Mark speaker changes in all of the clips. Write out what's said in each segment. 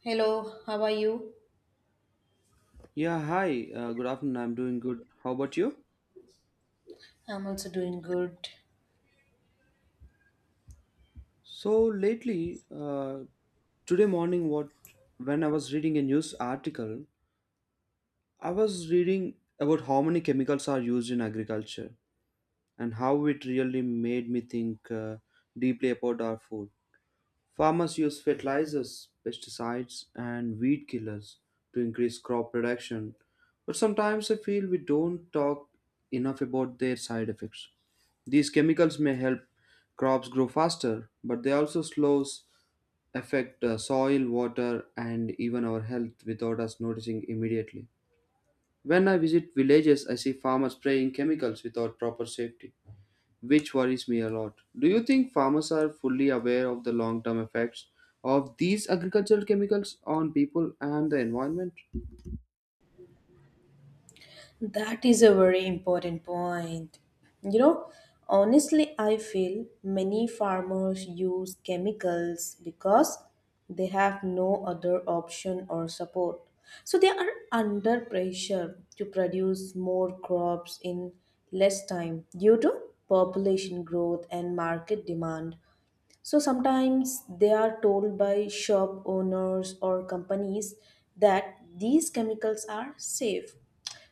Speaker 1: Hello, how are you?
Speaker 2: Yeah, hi. Good afternoon. I'm doing good. How about you?
Speaker 1: I'm also doing good.
Speaker 2: So today morning, what when I was reading a news article, I was reading about how many chemicals are used in agriculture and how it really made me think deeply about our food. Farmers use fertilizers, pesticides, and weed killers to increase crop production, but sometimes I feel we don't talk enough about their side effects. These chemicals may help crops grow faster, but they also slows affect soil, water, and even our health without us noticing immediately. When I visit villages, I see farmers spraying chemicals without proper safety which worries me a lot. Do you think farmers are fully aware of the long term effects of these agricultural chemicals on people and the environment?
Speaker 1: That is a very important point. You know, honestly, I feel many farmers use chemicals because they have no other option or support. So they are under pressure to produce more crops in less time due to population growth and market demand. So sometimes they are told by shop owners or companies that these chemicals are safe.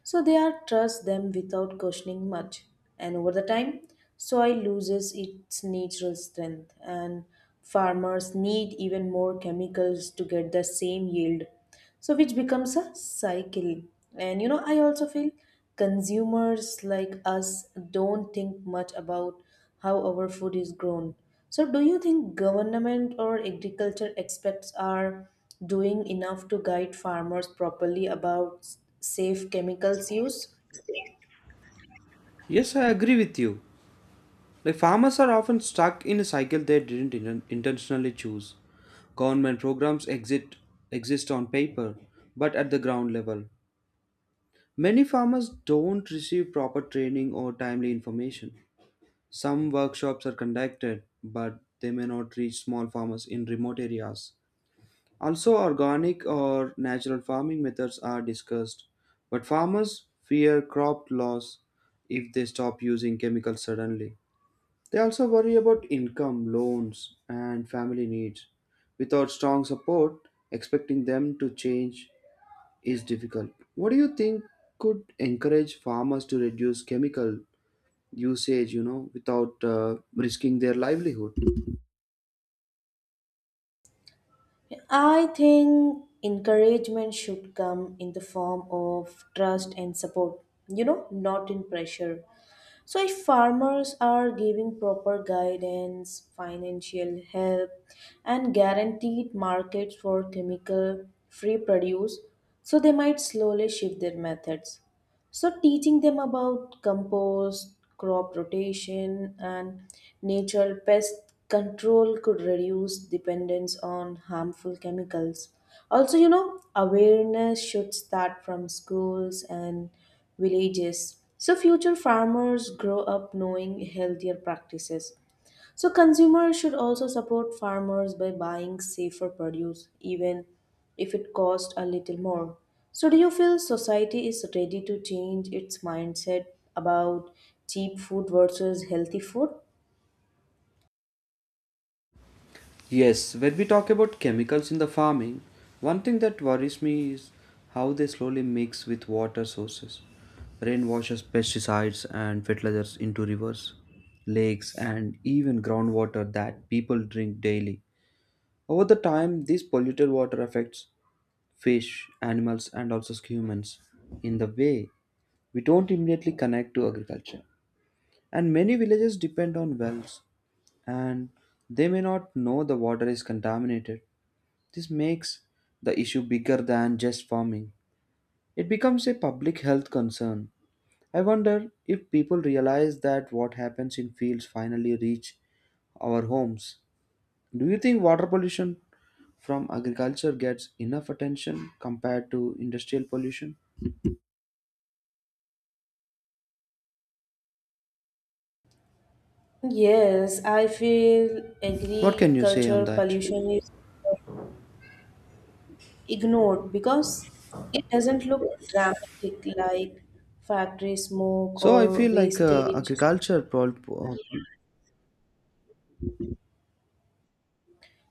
Speaker 1: So they are trust them without questioning much. And over the time, soil loses its natural strength and farmers need even more chemicals to get the same yield. So which becomes a cycle. And you know, I also feel consumers like us don't think much about how our food is grown. So, do you think government or agriculture experts are doing enough to guide farmers properly about safe chemicals use?
Speaker 2: Yes, I agree with you. Like farmers are often stuck in a cycle they didn't intentionally choose. Government programs exist on paper, but at the ground level, many farmers don't receive proper training or timely information. Some workshops are conducted, but they may not reach small farmers in remote areas. Also, organic or natural farming methods are discussed, but farmers fear crop loss if they stop using chemicals suddenly. They also worry about income, loans, and family needs. Without strong support, expecting them to change is difficult. What do you think could encourage farmers to reduce chemical usage, you know, without risking their livelihood?
Speaker 1: I think encouragement should come in the form of trust and support, you know, not in pressure. So, if farmers are giving proper guidance, financial help, and guaranteed markets for chemical free produce, so they might slowly shift their methods. So, teaching them about compost, crop rotation, and natural pest control could reduce dependence on harmful chemicals. Also, you know, awareness should start from schools and villages so future farmers grow up knowing healthier practices. So consumers should also support farmers by buying safer produce, even if it costs a little more. So do you feel society is ready to change its mindset about cheap food versus healthy food?
Speaker 2: Yes, when we talk about chemicals in the farming, one thing that worries me is how they slowly mix with water sources. Rain washes pesticides and fertilizers into rivers, lakes, and even groundwater that people drink daily. Over the time, this polluted water affects fish, animals, and also humans in the way we don't immediately connect to agriculture. And many villages depend on wells, and they may not know the water is contaminated this makes the issue bigger than just farming. It becomes a public health concern. I wonder if people realize that what happens in fields finally reach our homes. Do you think water pollution from agriculture gets enough attention compared to industrial pollution?
Speaker 1: Yes, I feel
Speaker 2: What can you say on
Speaker 1: agriculture
Speaker 2: that?
Speaker 1: pollution is ignored because it doesn't look dramatic like factory smoke
Speaker 2: So I
Speaker 1: or
Speaker 2: feel like
Speaker 1: wastage.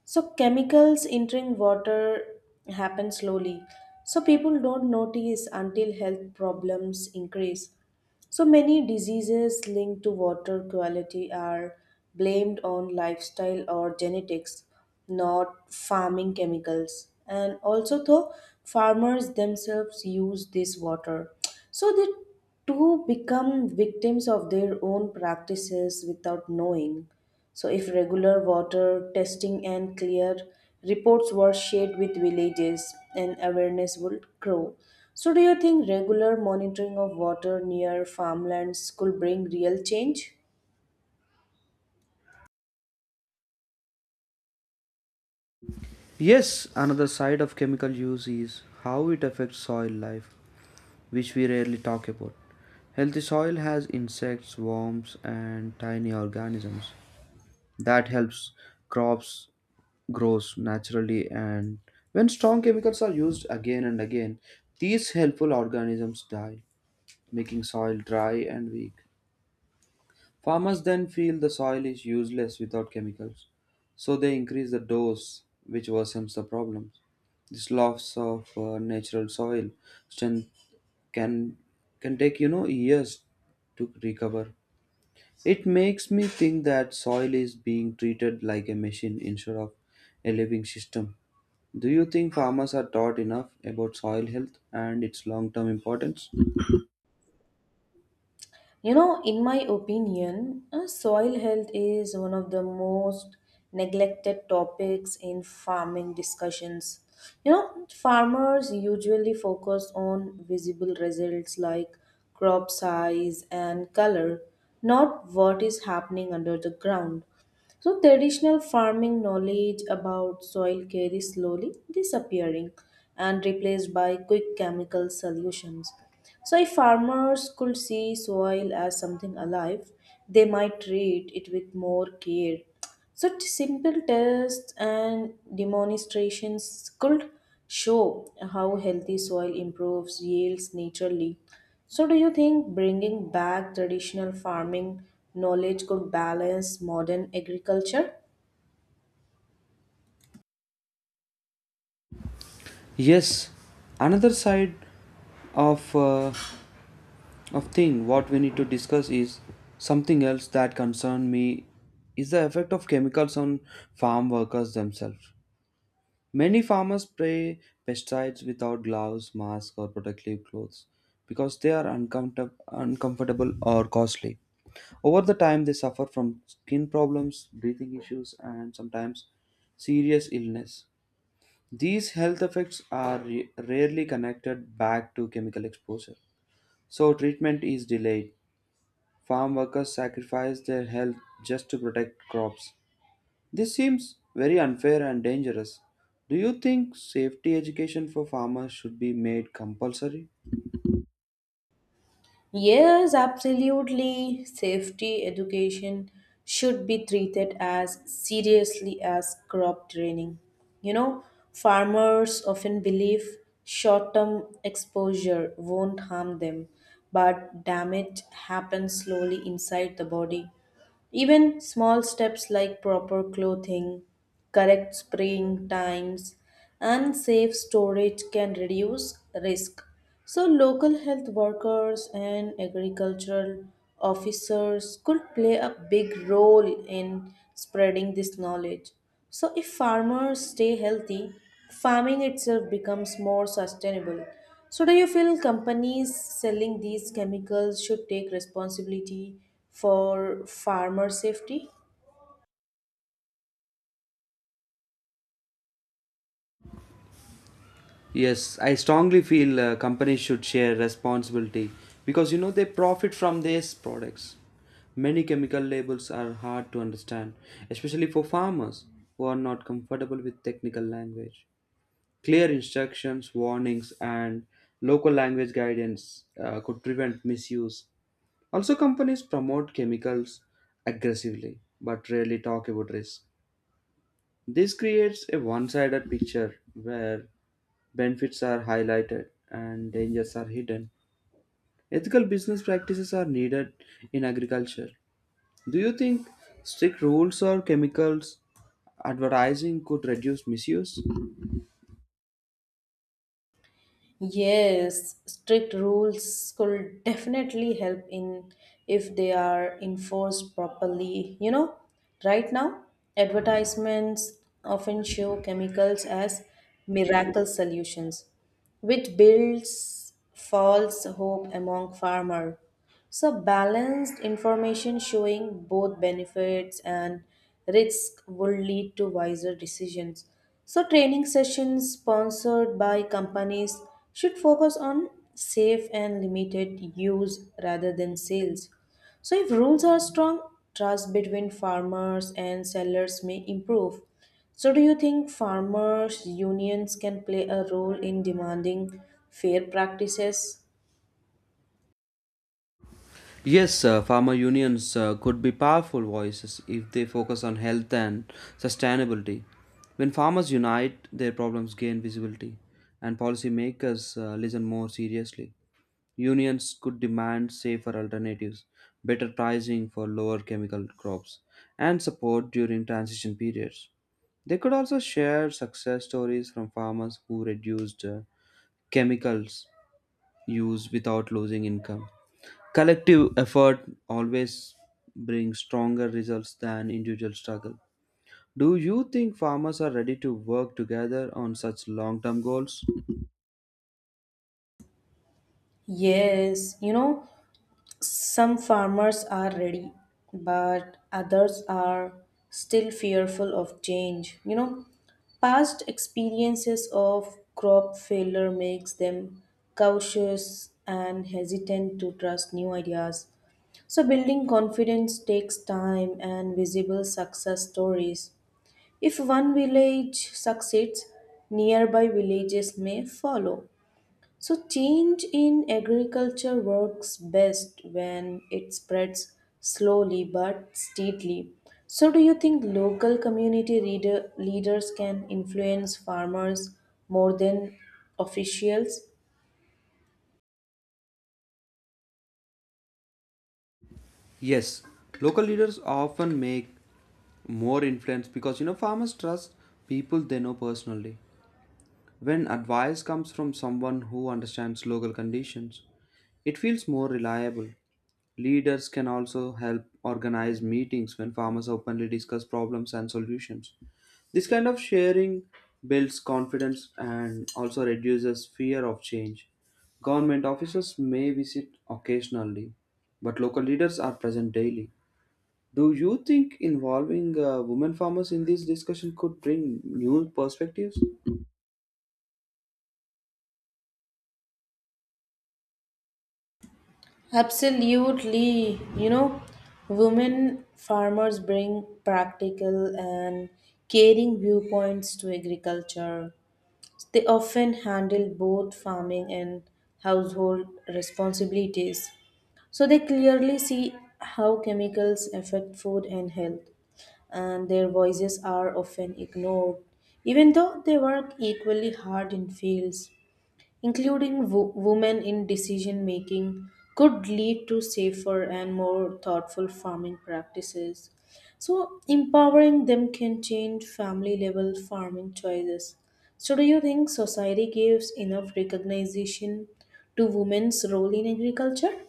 Speaker 1: So chemicals entering water happen slowly. So people don't notice until health problems increase. So many diseases linked to water quality are blamed on lifestyle or genetics, not farming chemicals. And also, though, farmers themselves use this water. So they too become victims of their own practices without knowing. So, if regular water testing and clear reports were shared with villages, and awareness would grow. So, do you think regular monitoring of water near farmlands could bring real change?
Speaker 2: yes another side of chemical use is how it affects soil life which we rarely talk about. Healthy soil has insects, worms, and tiny organisms that helps crops grows naturally and when strong chemicals are used again and again, these helpful organisms die, making soil dry and weak. Farmers then feel the soil is useless without chemicals, so they increase the dose, which worsens the problem. This loss of natural soil strength can can take you know years to recover it makes me think that soil is being treated like a machine instead of a living system. Do you think farmers are taught enough about soil health and its long term importance?
Speaker 1: You know, in my opinion, soil health is one of the most neglected topics in farming discussions. You know, farmers usually focus on visible results like crop size and color, not what is happening under the ground. So, traditional farming knowledge about soil care is slowly disappearing and replaced by quick chemical solutions. So, if farmers could see soil as something alive, they might treat it with more care. Such simple tests and demonstrations could show how healthy soil improves yields naturally. So, do you think bringing back traditional farming knowledge could balance modern agriculture?
Speaker 2: Yes, another side of thing what we need to discuss is something else that concern me is the effect of chemicals on farm workers themselves. Many farmers spray pesticides without gloves, masks, or protective clothes because they are uncomfortable or costly. Over the time, they suffer from skin problems, breathing issues, and sometimes serious illness. These health effects are rarely connected back to chemical exposure, so treatment is delayed. Farm workers sacrifice their health just to protect crops, this seems very unfair and dangerous. Do you think safety education for farmers should be made compulsory?
Speaker 1: Yes, absolutely. Safety education should be treated as seriously as crop training. You know, farmers often believe short term exposure won't harm them, but damage happens slowly inside the body. Even small steps like proper clothing, correct spraying times, and safe storage can reduce risk. So, local health workers and agricultural officers could play a big role in spreading this knowledge. So, if farmers stay healthy, farming itself becomes more sustainable. So, do you feel companies selling these chemicals should take responsibility for farmer safety?
Speaker 2: Yes, I strongly feel companies should share responsibility because you know they profit from these products. Many chemical labels are hard to understand, especially for farmers who are not comfortable with technical language. Clear instructions, warnings, and local language guidance could prevent misuse. Also, companies promote chemicals aggressively but rarely talk about risk. This creates a one sided picture where benefits are highlighted and dangers are hidden. Ethical business practices are needed in agriculture. Do you think strict rules or chemicals advertising could reduce misuse?
Speaker 1: Yes, strict rules could definitely help in if they are enforced properly. You know, right now advertisements often show chemicals as miracle solutions, which builds false hope among farmer. So balanced information showing both benefits and risk will lead to wiser decisions. So training sessions sponsored by companies should focus on safe and limited use rather than sales. So if rules are strong, trust between farmers and sellers may improve. So, do you think farmers' unions can play a role in demanding fair practices?
Speaker 2: Yes, farmer unions could be powerful voices if they focus on health and sustainability. When farmers unite, their problems gain visibility, and policymakers listen more seriously. Unions could demand safer alternatives, better pricing for lower chemical crops, and support during transition periods. They could also share success stories from farmers who reduced chemicals use without losing income. Collective effort always brings stronger results than individual struggle. Do you think farmers are ready to work together on such long term goals?
Speaker 1: Yes, you know, some farmers are ready, but others are still fearful of change. You know, past experiences of crop failure makes them cautious and hesitant to trust new ideas. So, building confidence takes time and visible success stories. If one village succeeds, nearby villages may follow. So, change in agriculture works best when it spreads slowly but steadily. So, do you think local community reader, leaders can influence farmers more than officials?
Speaker 2: Yes, local leaders often make more influence because you know farmers trust people they know personally. When advice comes from someone who understands local conditions, it feels more reliable. Leaders can also help organize meetings when farmers openly discuss problems and solutions. This kind of sharing builds confidence and also reduces fear of change. Government officers may visit occasionally, but local leaders are present daily. Do you think involving women farmers in this discussion could bring new perspectives?
Speaker 1: Absolutely. You know, women farmers bring practical and caring viewpoints to agriculture. They often handle both farming and household responsibilities, so they clearly see how chemicals affect food and health, and their voices are often ignored, even though they work equally hard in fields. Including women in decision making could lead to safer and more thoughtful farming practices. So, empowering them can change family level farming choices. So, do you think society gives enough recognition to women's role in agriculture?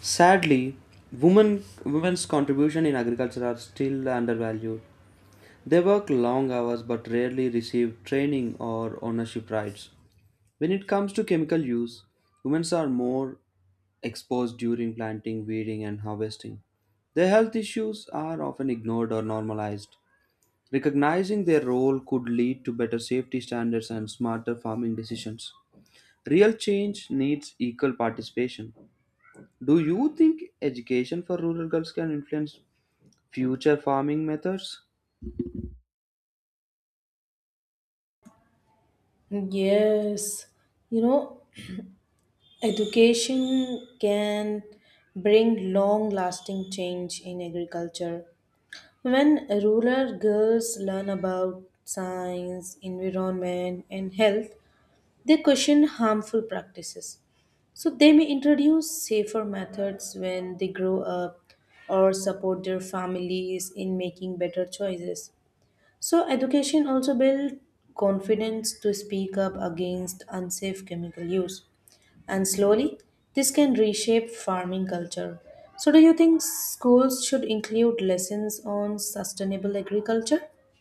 Speaker 2: Sadly, women's contribution in agriculture are still undervalued. They work long hours but rarely receive training or ownership rights. When it comes to chemical use, women are more exposed during planting, weeding, and harvesting. Their health issues are often ignored or normalized. Recognizing their role could lead to better safety standards and smarter farming decisions. Real change needs equal participation. Do you think education for rural girls can influence future farming methods?
Speaker 1: Yes, you know, education can bring long lasting change in agriculture. When rural girls learn about science, environment, and health, they question harmful practices. So they may introduce safer methods when they grow up or support their families in making better choices. So, education also builds confidence to speak up against unsafe chemical use. And slowly, this can reshape farming culture. So, do you think schools should include lessons on sustainable agriculture?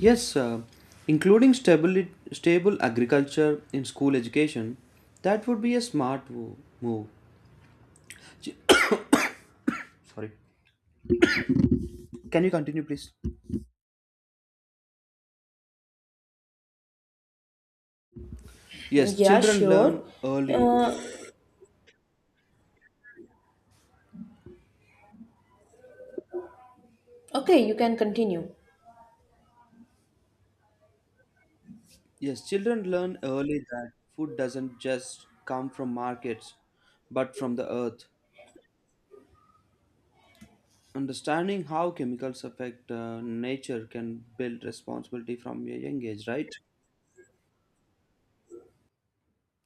Speaker 2: Yes, including stable agriculture in school education, that would be a smart move. Ch- Sorry. Can you continue, please? Yes,
Speaker 1: Yeah,
Speaker 2: children learn
Speaker 1: sure.
Speaker 2: early.
Speaker 1: Uh, okay, you can continue.
Speaker 2: Yes, children learn early that food doesn't just come from markets but from the earth. Understanding how chemicals affect nature can build responsibility from a young age, right?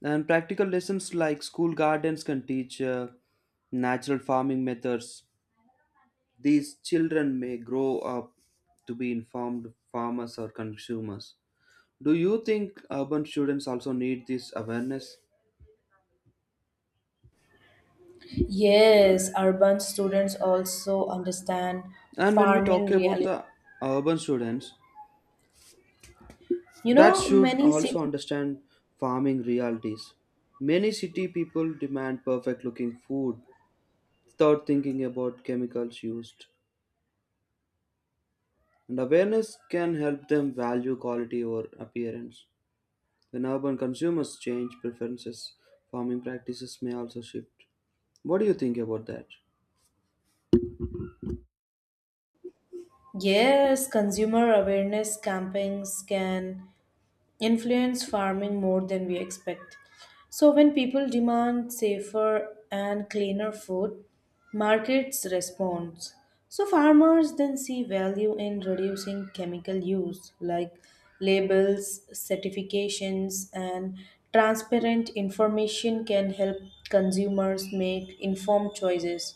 Speaker 2: And practical lessons like school gardens can teach natural farming methods. These children may grow up to be informed farmers or consumers. Do you think urban students also need this awareness?
Speaker 1: Yes, urban students also understand
Speaker 2: And when we talk
Speaker 1: farming
Speaker 2: about
Speaker 1: reality.
Speaker 2: the urban students,
Speaker 1: You
Speaker 2: that
Speaker 1: know,
Speaker 2: should
Speaker 1: many
Speaker 2: also
Speaker 1: cities.
Speaker 2: understand farming realities. Many city people demand perfect looking food without thinking about chemicals used, and awareness can help them value quality over appearance. When urban consumers change preferences, farming practices may also shift. What do you think about that?
Speaker 1: Yes, consumer awareness campaigns can influence farming more than we expect. So, when people demand safer and cleaner food, markets respond. So, farmers then see value in reducing chemical use, like labels, certifications, and transparent information can help consumers make informed choices.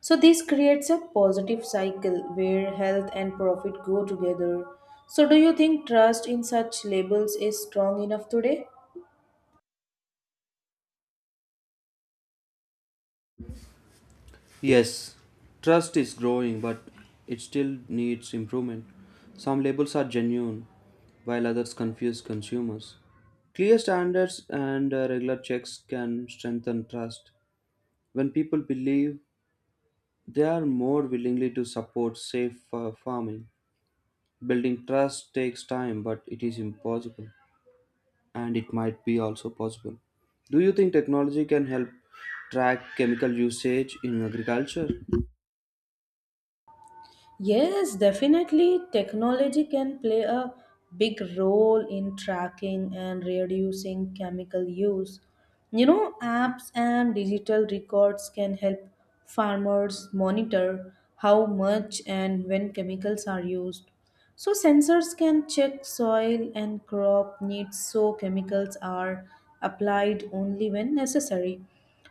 Speaker 1: So, this creates a positive cycle where health and profit go together. So, do you think trust in such labels is strong enough today?
Speaker 2: Yes, trust is growing, but it still needs improvement. Some labels are genuine, while others confuse consumers. Clear standards and regular checks can strengthen trust. When people believe, they are more willingly to support safe farming. Building trust takes time, but it is impossible, and it might be also possible. Do you think technology can help track chemical usage in agriculture?
Speaker 1: Yes, definitely. Technology can play a big role in tracking and reducing chemical use. You know, apps and digital records can help farmers monitor how much and when chemicals are used. So, sensors can check soil and crop needs so chemicals are applied only when necessary.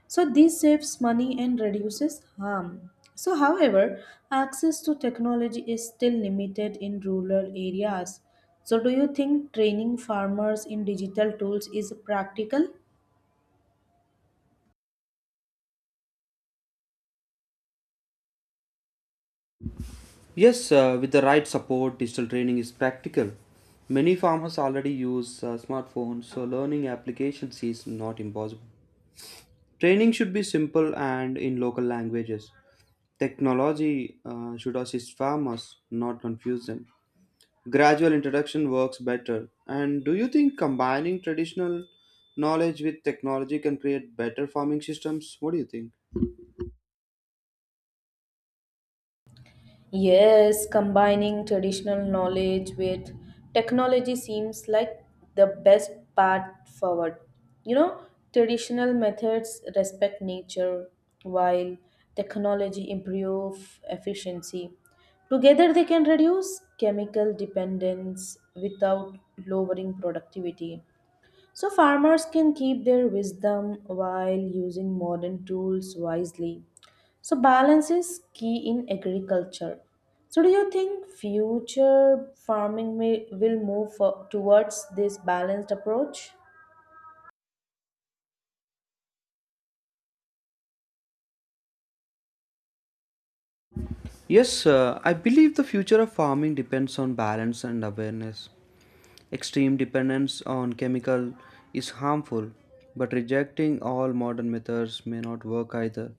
Speaker 1: So this saves money and reduces harm. So however, access to technology is still limited in rural areas. So do you think training farmers in digital tools is practical?
Speaker 2: Yes, with the right support, digital training is practical. Many farmers already use smartphones, so learning applications is not impossible. Training should be simple and in local languages. Technology should assist farmers, not confuse them. Gradual introduction works better. And do you think combining traditional knowledge with technology can create better farming systems? What do you think?
Speaker 1: Yes, combining traditional knowledge with technology seems like the best path forward. You know, traditional methods respect nature while technology improve efficiency. Together they can reduce chemical dependence without lowering productivity. So farmers can keep their wisdom while using modern tools wisely. So balance is key in agriculture. So do you think future farming will move for, towards this balanced approach?
Speaker 2: Yes, I believe the future of farming depends on balance and awareness. Extreme dependence on chemical is harmful, but rejecting all modern methods may not work either.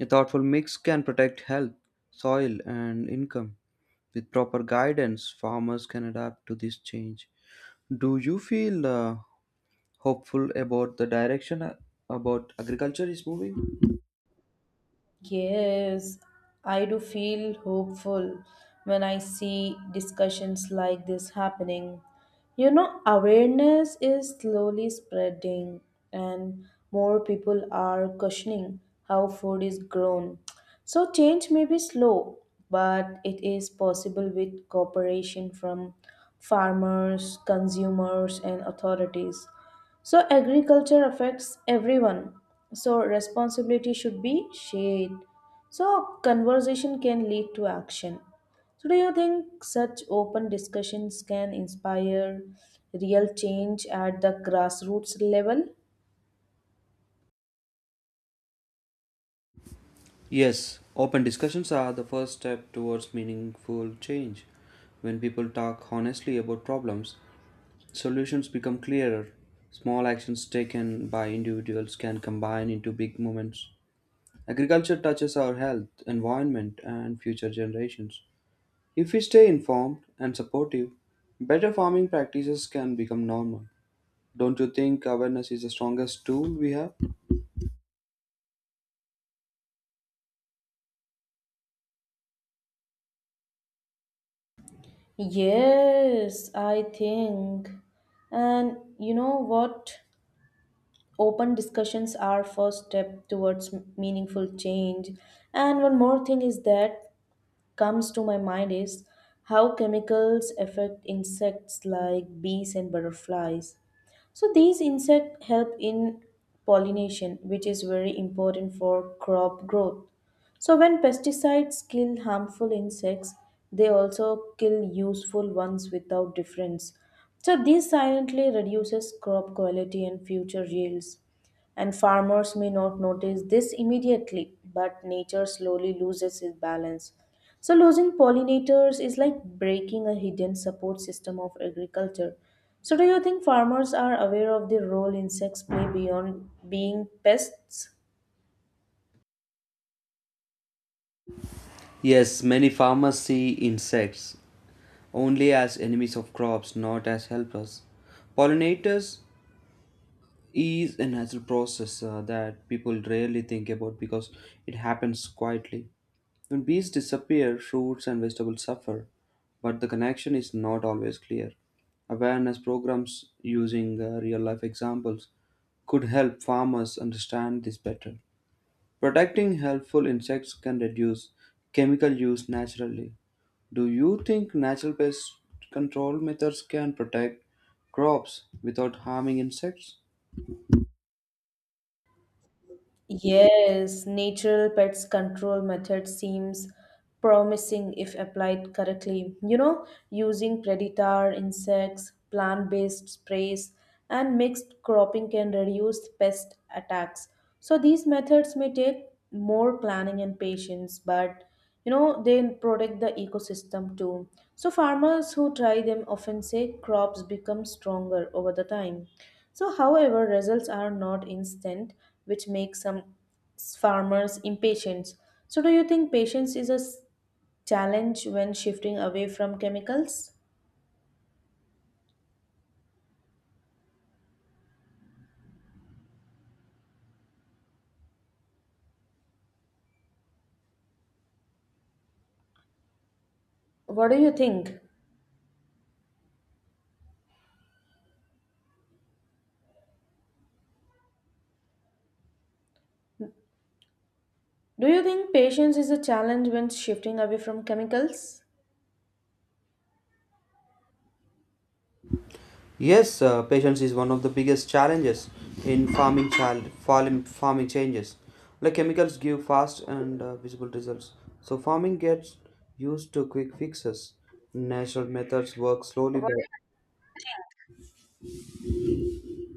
Speaker 2: A thoughtful mix can protect health, soil, and income. With proper guidance, farmers can adapt to this change. Do you feel hopeful about the direction about agriculture is moving?
Speaker 1: Yes, I do feel hopeful when I see discussions like this happening. You know, awareness is slowly spreading, and more people are questioning how food is grown. So, change may be slow, but it is possible with cooperation from farmers, consumers, and authorities. So agriculture affects everyone. So responsibility should be shared. So conversation can lead to action. So do you think such open discussions can inspire real change at the grassroots level?
Speaker 2: Yes, open discussions are the first step towards meaningful change. When people talk honestly about problems, solutions become clearer. Small actions taken by individuals can combine into big movements. Agriculture touches our health, environment, and future generations. If we stay informed and supportive, better farming practices can become normal. Don't you think awareness is the strongest tool we have?
Speaker 1: Yes, I think. And you know what? Open discussions are first step towards meaningful change. And one more thing is that comes to my mind is how chemicals affect insects like bees and butterflies. So these insects help in pollination, which is very important for crop growth. So when pesticides kill harmful insects, they also kill useful ones without difference. So this silently reduces crop quality and future yields. And farmers may not notice this immediately, but nature slowly loses its balance. So, losing pollinators is like breaking a hidden support system of agriculture. So, do you think farmers are aware of the role insects play beyond being pests?
Speaker 2: Yes, many farmers see insects only as enemies of crops, not as helpers. Pollinators is a natural process that people rarely think about because it happens quietly. When bees disappear, fruits and vegetables suffer, but the connection is not always clear. Awareness programs using real life examples could help farmers understand this better. Protecting helpful insects can reduce chemical use naturally. Do you think natural pest control methods can protect crops without harming insects?
Speaker 1: Yes, natural pest control method seems promising if applied correctly. You know, using predator insects, plant-based sprays, and mixed cropping can reduce pest attacks. So these methods may take more planning and patience, but you know they protect the ecosystem too. So farmers who try them often say crops become stronger over the time. So however results are not instant, which makes some farmers impatient. So do you think patience is a challenge when shifting away from chemicals? What do you think? Do you think patience is a challenge when shifting away from chemicals?
Speaker 2: Yes, patience is one of the biggest challenges in farming farming changes. Like chemicals give fast and visible results, so farming gets used to quick fixes. Natural methods work slowly. But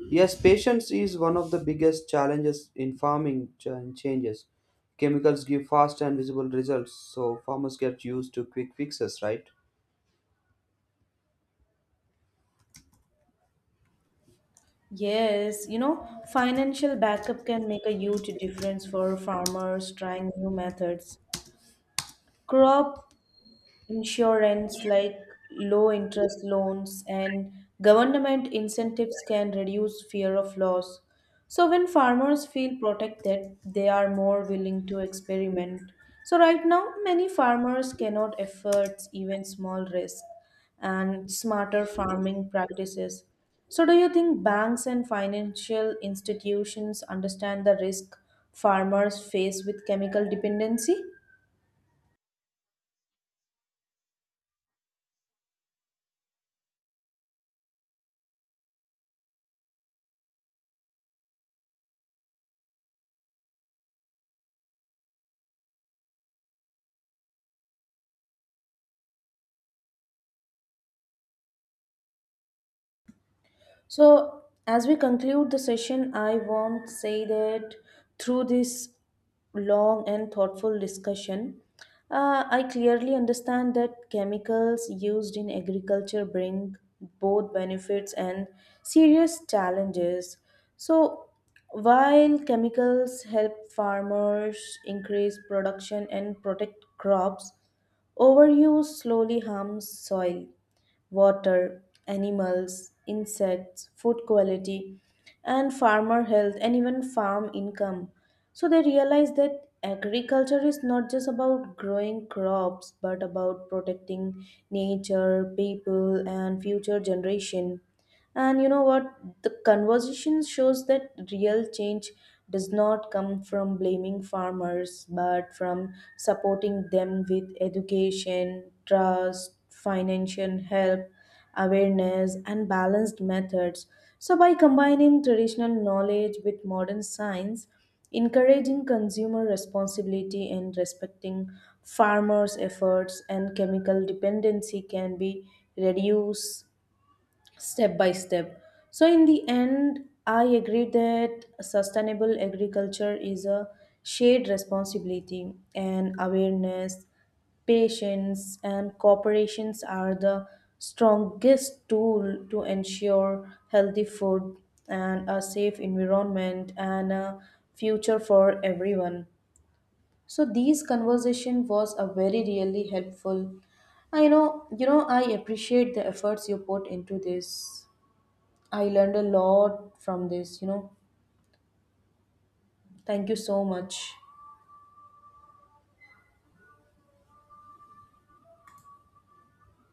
Speaker 2: yes, patience is one of the biggest challenges in farming changes. Chemicals give fast and visible results, so farmers get used to quick fixes, right?
Speaker 1: Yes, you know, financial backup can make a huge difference for farmers trying new methods. Crop Insurance like low interest loans and government incentives can reduce fear of loss. So, when farmers feel protected, they are more willing to experiment. So, right now, many farmers cannot afford even small risk and smarter farming practices. So, do you think banks and financial institutions understand the risk farmers face with chemical dependency? So, as we conclude the session, I want to say that through this long and thoughtful discussion, I clearly understand that chemicals used in agriculture bring both benefits and serious challenges. So, while chemicals help farmers increase production and protect crops, overuse slowly harms soil water, animals, insects, food quality, and farmer health, and even farm income. So they realize that agriculture is not just about growing crops but about protecting nature, people, and future generation. And you know what? The conversation shows that real change does not come from blaming farmers, but from supporting them with education, trust, financial help, awareness, and balanced methods. So, by combining traditional knowledge with modern science, encouraging consumer responsibility and respecting farmers' efforts and chemical dependency can be reduced step by step. So, in the end, I agree that sustainable agriculture is a shared responsibility, and awareness, patience, and cooperations are the strongest tool to ensure healthy food and a safe environment and a future for everyone. So, these conversation was a very really helpful. I know you know I appreciate the efforts you put into this. I learned a lot from this, you know. Thank you so much.